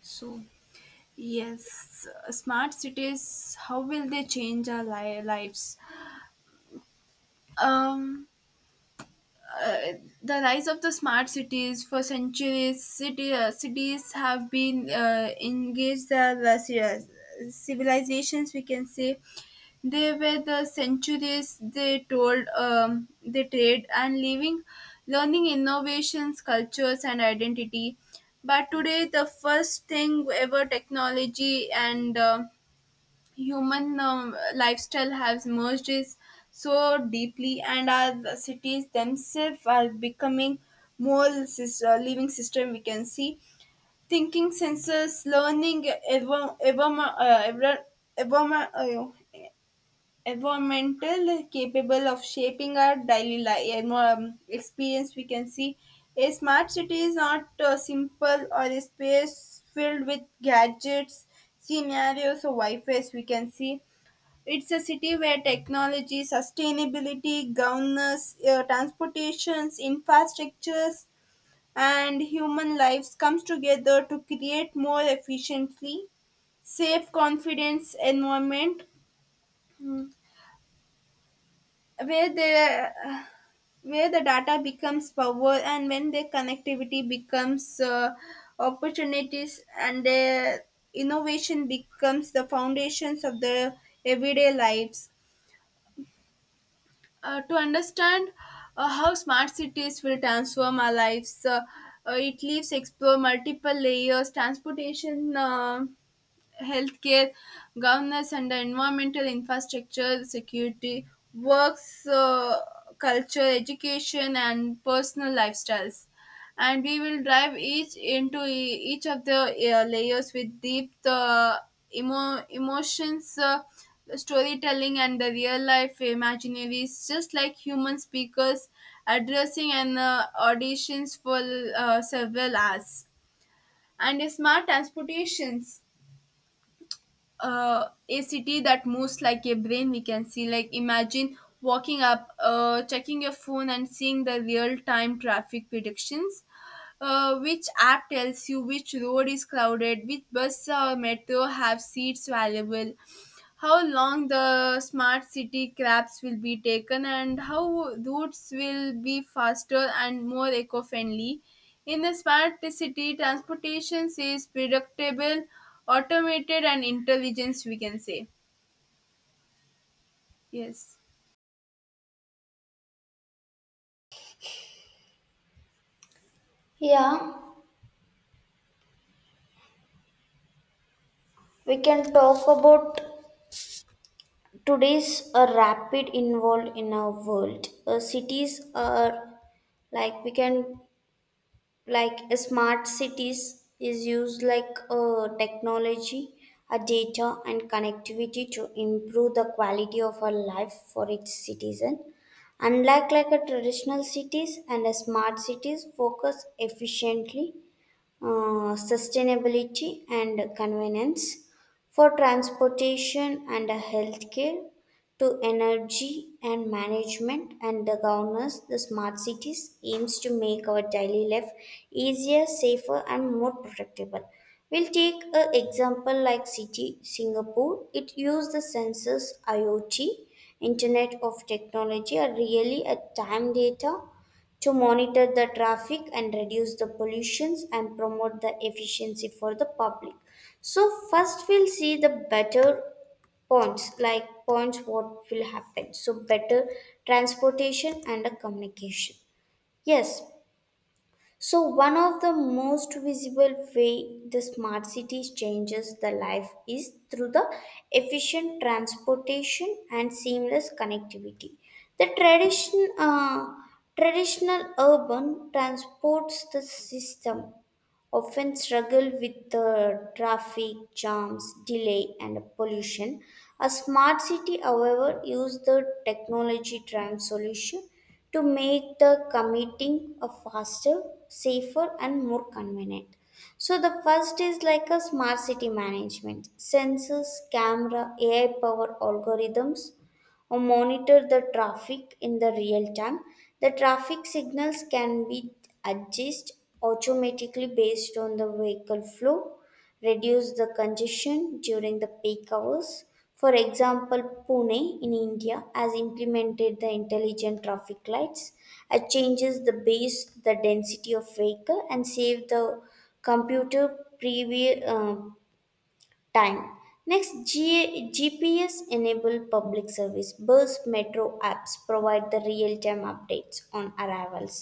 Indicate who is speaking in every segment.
Speaker 1: So, yes, smart cities, how will they change our lives? Um, uh, the rise of the smart cities, for centuries, cities have been engaged the civilizations. We can say they were the centuries they told, they trade and living, learning innovations, cultures, and identity. But today, the first thing ever technology and human lifestyle has merged is so deeply, and our cities themselves are becoming more living system. We can see thinking senses learning uh, ever, ever, uh, environmental, capable of shaping our daily life experience. We can see a smart city is not simple or a space filled with gadgets, scenarios, or wi-fi's. We can see it's a city where technology, sustainability, governance, transportations, infrastructures, and human lives comes together to create more efficiently, safe, confidence environment, where the where the data becomes power, and when their connectivity becomes opportunities, and their innovation becomes the foundations of their everyday lives. To understand how smart cities will transform our lives. It leaves explore multiple layers, transportation. Healthcare, governance, and the environmental infrastructure, security, works, culture, education, and personal lifestyles. And we will dive each into each of the layers with deep emotions, storytelling, and the real life imaginaries, just like human speakers addressing an auditions for several hours. And smart transportations, a city that moves like a brain. We can see, like, imagine walking up, checking your phone and seeing the real time traffic predictions, which app tells you which road is crowded, which bus or metro have seats available, how long the smart city cabs will be taken, and how routes will be faster and more eco-friendly. In a smart city, transportation is predictable, automated, and intelligence, we can say. Yes.
Speaker 2: Yeah, we can talk about today's rapid involved in our world. Cities are like we can like smart cities is used like technology, data and connectivity to improve the quality of our life for its citizen. Unlike like a traditional cities and a smart cities focus efficiently, sustainability and convenience, for transportation and healthcare, to energy and management and the governance, the smart cities aims to make our daily life easier, safer, and more predictable. We'll take an example like city Singapore. It used the sensors IoT, Internet of Technology, are really a time data to monitor the traffic and reduce the pollutions and promote the efficiency for the public. So first we'll see the better points what will happen, so better transportation and a communication, yes. So, one of the most visible way the smart cities changes the life is through the efficient transportation and seamless connectivity. The tradition, uh, Traditional urban transports the system often struggle with the traffic jams, delay, and pollution. A smart city, however, uses the technology driven solution to make the commuting a faster, safer, and more convenient. So the first is like a smart city management, sensors, camera, AI powered algorithms or monitor the traffic in the real time. The traffic signals can be adjusted automatically based on the vehicle flow, reduce the congestion during the peak hours. For example, Pune in India has implemented the intelligent traffic lights. It changes the base, the density of vehicle, and save the computer previ- uh, time. Next, GPS enabled public service bus metro apps provide the real time updates on arrivals,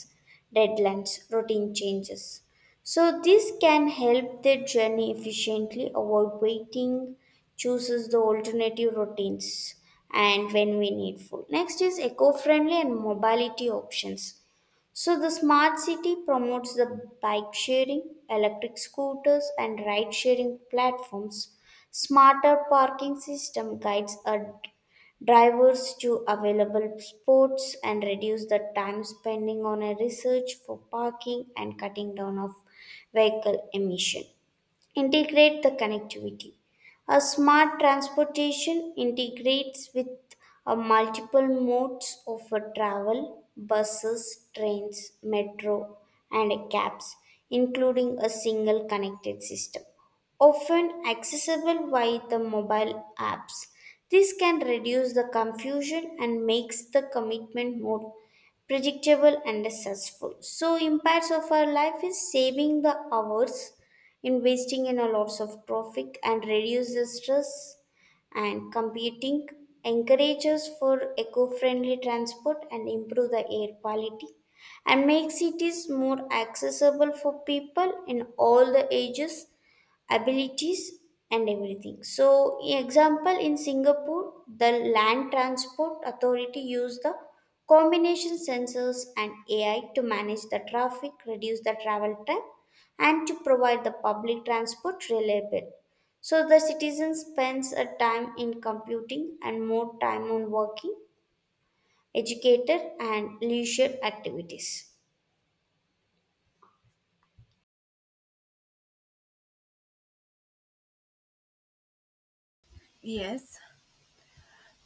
Speaker 2: deadlines, routine changes. So, this can help the journey efficiently, avoid waiting, chooses the alternative routines, and when we needful. Next is eco friendly and mobility options. So, the smart city promotes the bike sharing, electric scooters, and ride sharing platforms. Smarter parking system guides our drivers to available spots and reduce the time spending on a research for parking and cutting down of vehicle emission integrate the connectivity. A smart transportation integrates with a multiple modes of a travel, buses, trains, metro, and cabs, including a single connected system, often accessible via the mobile apps. This can reduce the confusion and makes the commitment more predictable and successful. So, impacts of our life is saving the hours investing in a lots of traffic and reduce the stress and competing encourages for eco-friendly transport and improve the air quality and make cities more accessible for people in all the ages, abilities, and everything. So example in Singapore, the land transport authority used the combination sensors and AI to manage the traffic, reduce the travel time, and to provide the public transport reliable. So the citizen spends a time in computing and more time on working, educated, and leisure activities.
Speaker 1: Yes.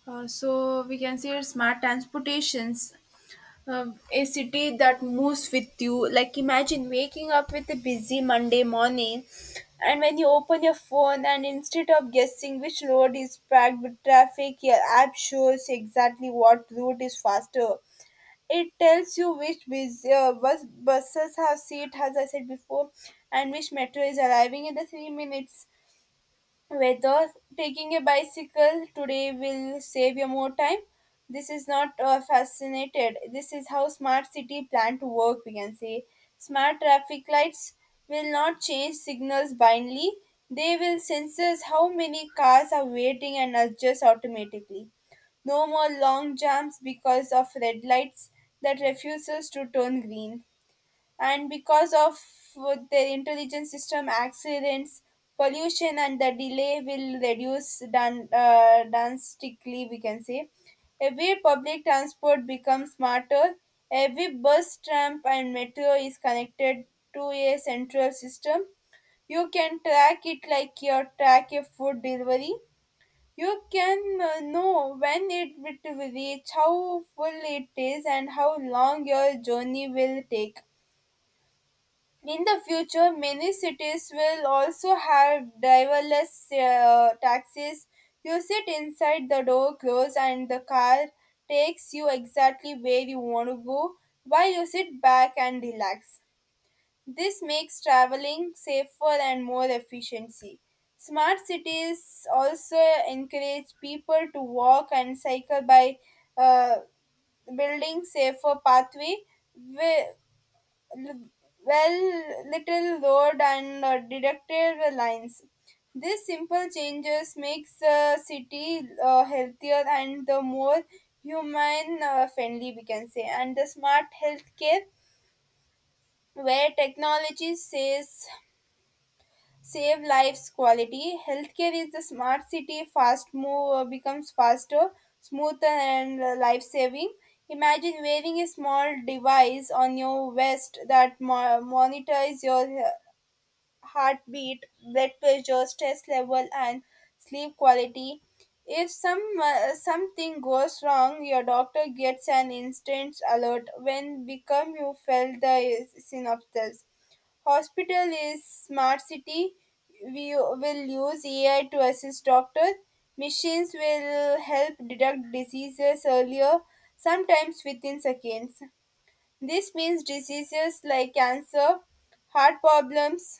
Speaker 1: So we can say smart transportations, a city that moves with you. Like imagine waking up with a busy Monday morning, and when you open your phone, and instead of guessing which road is packed with traffic, your app shows exactly what route is faster. It tells you which buses have seat, as I said before, and which metro is arriving in the 3 minutes, whether taking a bicycle today will save you more time. This is not fascinated, this is how smart city plan to work. We can say smart traffic lights will not change signals blindly, they will sense how many cars are waiting and adjust automatically. No more long jams because of red lights that refuses to turn green. And because of their intelligent system, accidents, pollution, and the delay will reduce drastically, we can say. Every public transport becomes smarter, every bus, tram, and metro is connected to a central system. You can track it like you track a food delivery. You can know when it will reach, how full it is, and how long your journey will take. In the future, many cities will also have driverless taxis. You sit inside, the door close and the car takes you exactly where you want to go while you sit back and relax. This makes traveling safer and more efficiency. Smart cities also encourage people to walk and cycle by uh, building safer pathway, wi- l- well, little road and deductive lines. These simple changes makes the city healthier and the more human friendly, we can say. And the smart healthcare, where technology says save lives, quality healthcare is the smart city fast move, becomes faster, smoother, and life saving. Imagine wearing a small device on your vest that monitors your heartbeat, blood pressure, stress level, and sleep quality. If something goes wrong, your doctor gets an instant alert. When become you felt the synopsis. Hospital is smart city. We will use AI to assist doctors. Machines will help detect diseases earlier, sometimes within seconds. This means diseases like cancer, heart problems,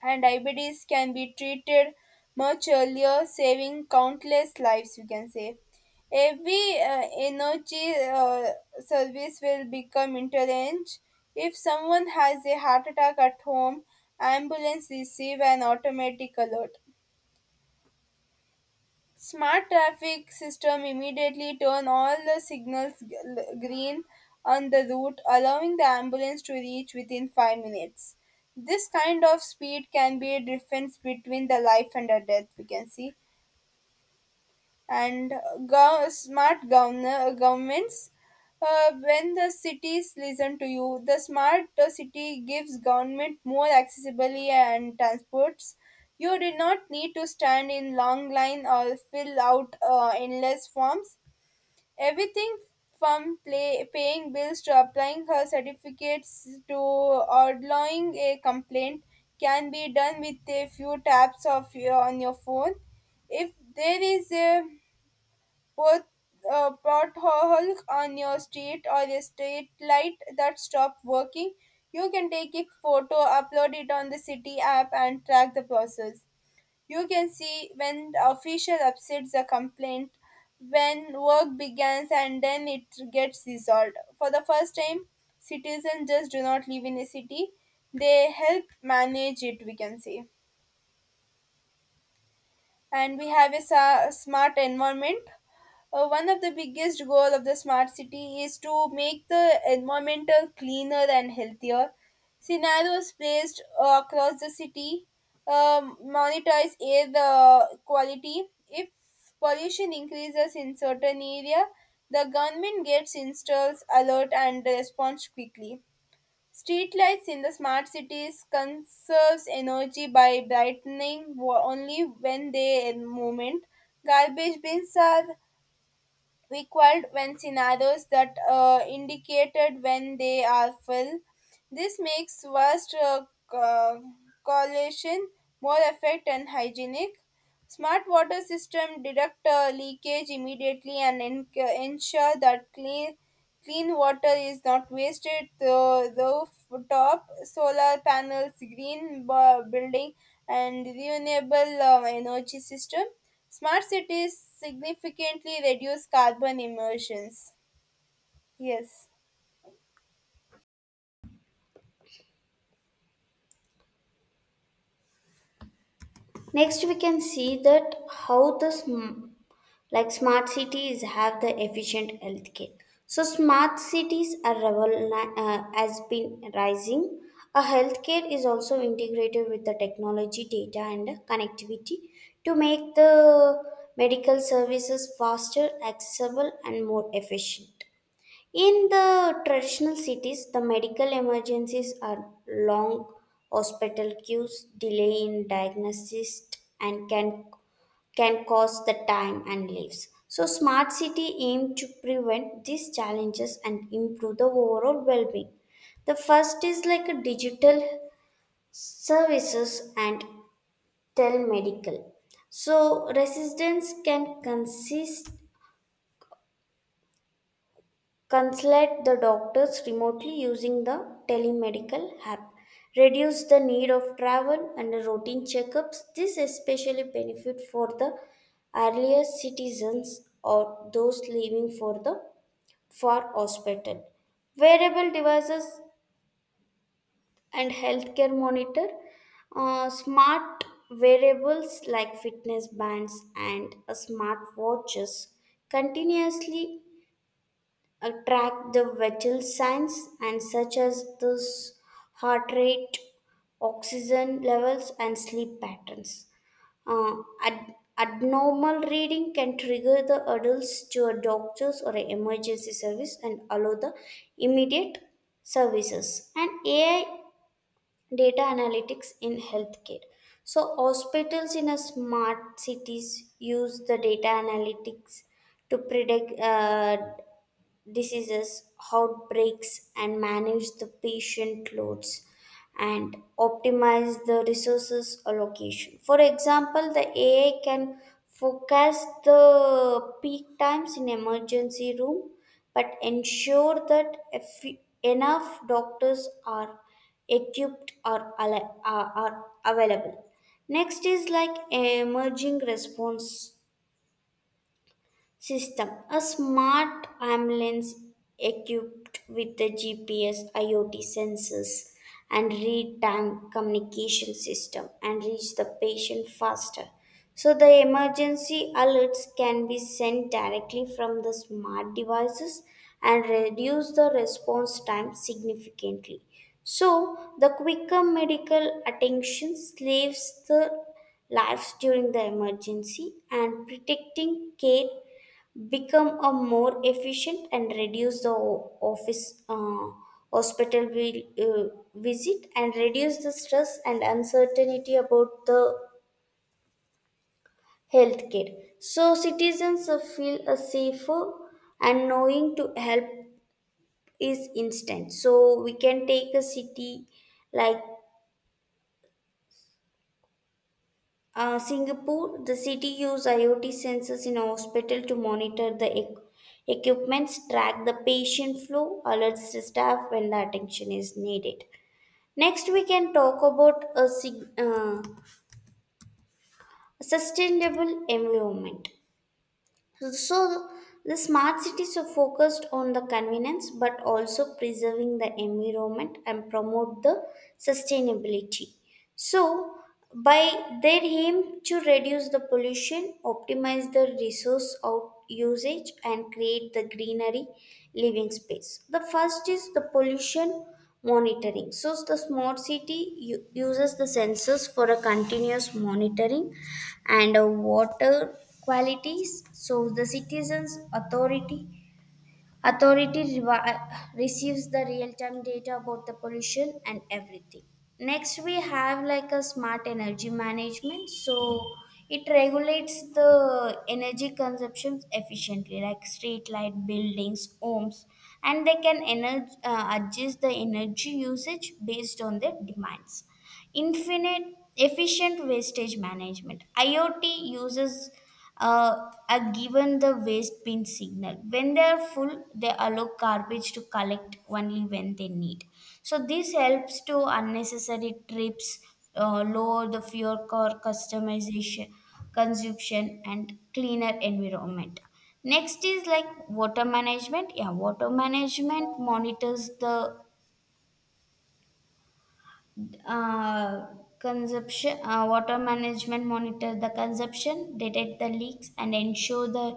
Speaker 1: and diabetes can be treated much earlier, saving countless lives. You can say every energy service will become interlinked. If someone has a heart attack at home, ambulance receive an automatic alert. Smart traffic system immediately turn all the signals green on the route, allowing the ambulance to reach within 5 minutes. This kind of speed can be a difference between the life and the death, we can see. And smart governments. When the cities listen to you, the smart city gives government more accessibility and transports. You do not need to stand in long line or fill out endless forms. Everything from paying bills to applying her certificates to outlawing a complaint can be done with a few taps of on your phone. If there is a Pot, potholes on your street or a street light that stopped working, you can take a photo, upload it on the city app, and track the process. You can see when the official upsets a complaint, when work begins, and then it gets resolved. For the first time, citizens just do not live in a city; they help manage it. We can say. And we have a smart environment. One of the biggest goal of the smart city is to make the environmental cleaner and healthier. Scenarios placed across the city monitors air the quality. If pollution increases in certain area, the government gets installs alert and responds quickly. Streetlights in the smart cities conserves energy by brightening only when they in movement. Garbage bins are required when scenarios that indicated when they are filled. This makes vast co- collection more effect and hygienic. Smart water system detect leakage immediately and ensure that clean water is not wasted. The rooftop solar panels, green building, and renewable energy system. Smart cities significantly reduce carbon emissions. Yes.
Speaker 2: Next we can see that how the sm- like smart cities have the efficient healthcare. So smart cities are has been rising. A healthcare is also integrated with the technology, data, and connectivity to make the medical services faster, accessible, and more efficient. In the traditional cities, the medical emergencies are long hospital queues, delay in diagnosis, and can cause the time and lives. So smart city aim to prevent these challenges and improve the overall well-being. The first is like a digital services and telemedical. So residents can consist consult the doctors remotely using the telemedical app. Reduce the need of travel and routine checkups. This especially benefit for the earlier citizens or those living for the far hospital. Wearable devices and healthcare monitor. Smart wearables like fitness bands and smart watches continuously attract the vital signs and such as this heart rate, oxygen levels, and sleep patterns. Abnormal reading can trigger the adults to a doctor's or an emergency service and allow the immediate services. And AI data analytics in healthcare. So hospitals in a smart cities use the data analytics to predict diseases, outbreaks, and manage the patient loads and optimize the resources allocation. For example, the AI can forecast the peak times in emergency room but ensure that if enough doctors are equipped or are available. Next is like emerging response system. A smart ambulance equipped with the GPS, IoT sensors, and real time communication system and reach the patient faster. So, the emergency alerts can be sent directly from the smart devices and reduce the response time significantly. So, the quicker medical attention saves the lives during the emergency and protecting care become a more efficient and reduce the hospital vi- uh, visit and reduce the stress and uncertainty about the healthcare. So citizens feel safer and knowing to help is instant. So we can take a city like Singapore, the city used IoT sensors in a hospital to monitor the equipments, track the patient flow, alerts the staff when the attention is needed. Next, we can talk about a sustainable environment. So, the smart cities are focused on the convenience but also preserving the environment and promote the sustainability. So, by their aim to reduce the pollution, optimize the resource out usage, and create the greenery living space. The first is the pollution monitoring. So, the smart city uses the sensors for a continuous monitoring and water qualities. So, the citizens' authority Authority receives the real-time data about the pollution and everything. Next, we have like a smart energy management. So it regulates the energy consumptions efficiently, like street light, buildings, homes, and they can adjust the energy usage based on their demands. Infinite efficient wastage management IoT uses, uh, are given the waste bin signal when they are full, they allow garbage to collect only when they need. So this helps to unnecessary trips, lower the fuel core customization consumption and cleaner environment. Next is like water management. Yeah, water management monitors the uh, consumption water management monitor the consumption, detect the leaks, and ensure the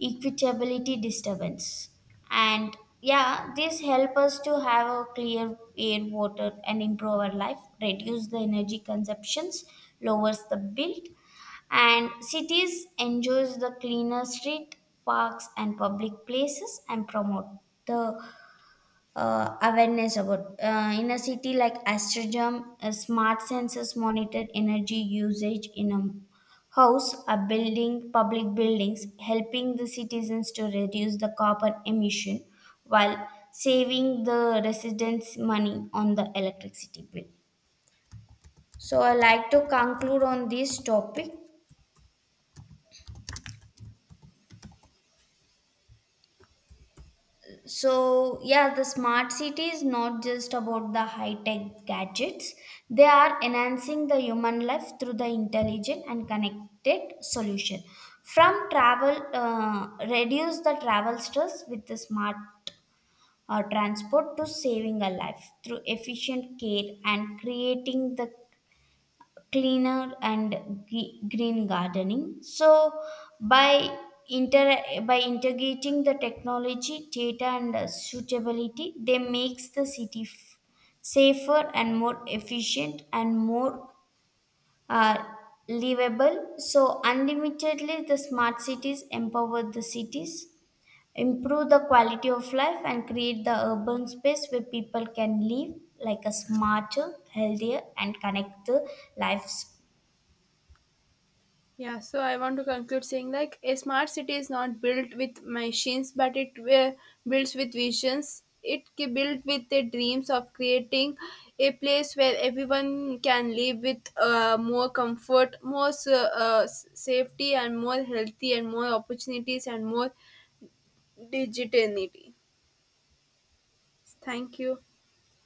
Speaker 2: equitability disturbance. And yeah, this help us to have a clear air water and improve our life, reduce the energy consumptions, lowers the bill, and cities enjoys the cleaner street, parks, and public places and promote the awareness about in a city like Amsterdam, a smart sensors monitored energy usage in a house, a building, public buildings, helping the citizens to reduce the carbon emission while saving the residents money on the electricity bill. So I like to conclude on this topic. So, yeah, the smart city is not just about the high tech gadgets. They are enhancing the human life through the intelligent and connected solution. From travel, reduce the travel stress with the smart transport to saving a life through efficient care and creating the cleaner and green gardening. So by inter by integrating the technology, data, and suitability, they makes the city safer and more efficient and more uh, livable. So unlimitedly, the smart cities empower the cities. Improve the quality of life and create the urban space where people can live like a smarter, healthier, and connect the lives
Speaker 1: Yeah, so I want to conclude saying like a smart city is not built with machines, but it builds with visions. It built with the dreams of creating a place where everyone can live with more comfort, more safety, and more healthy, and more opportunities, and more dignity. Thank you.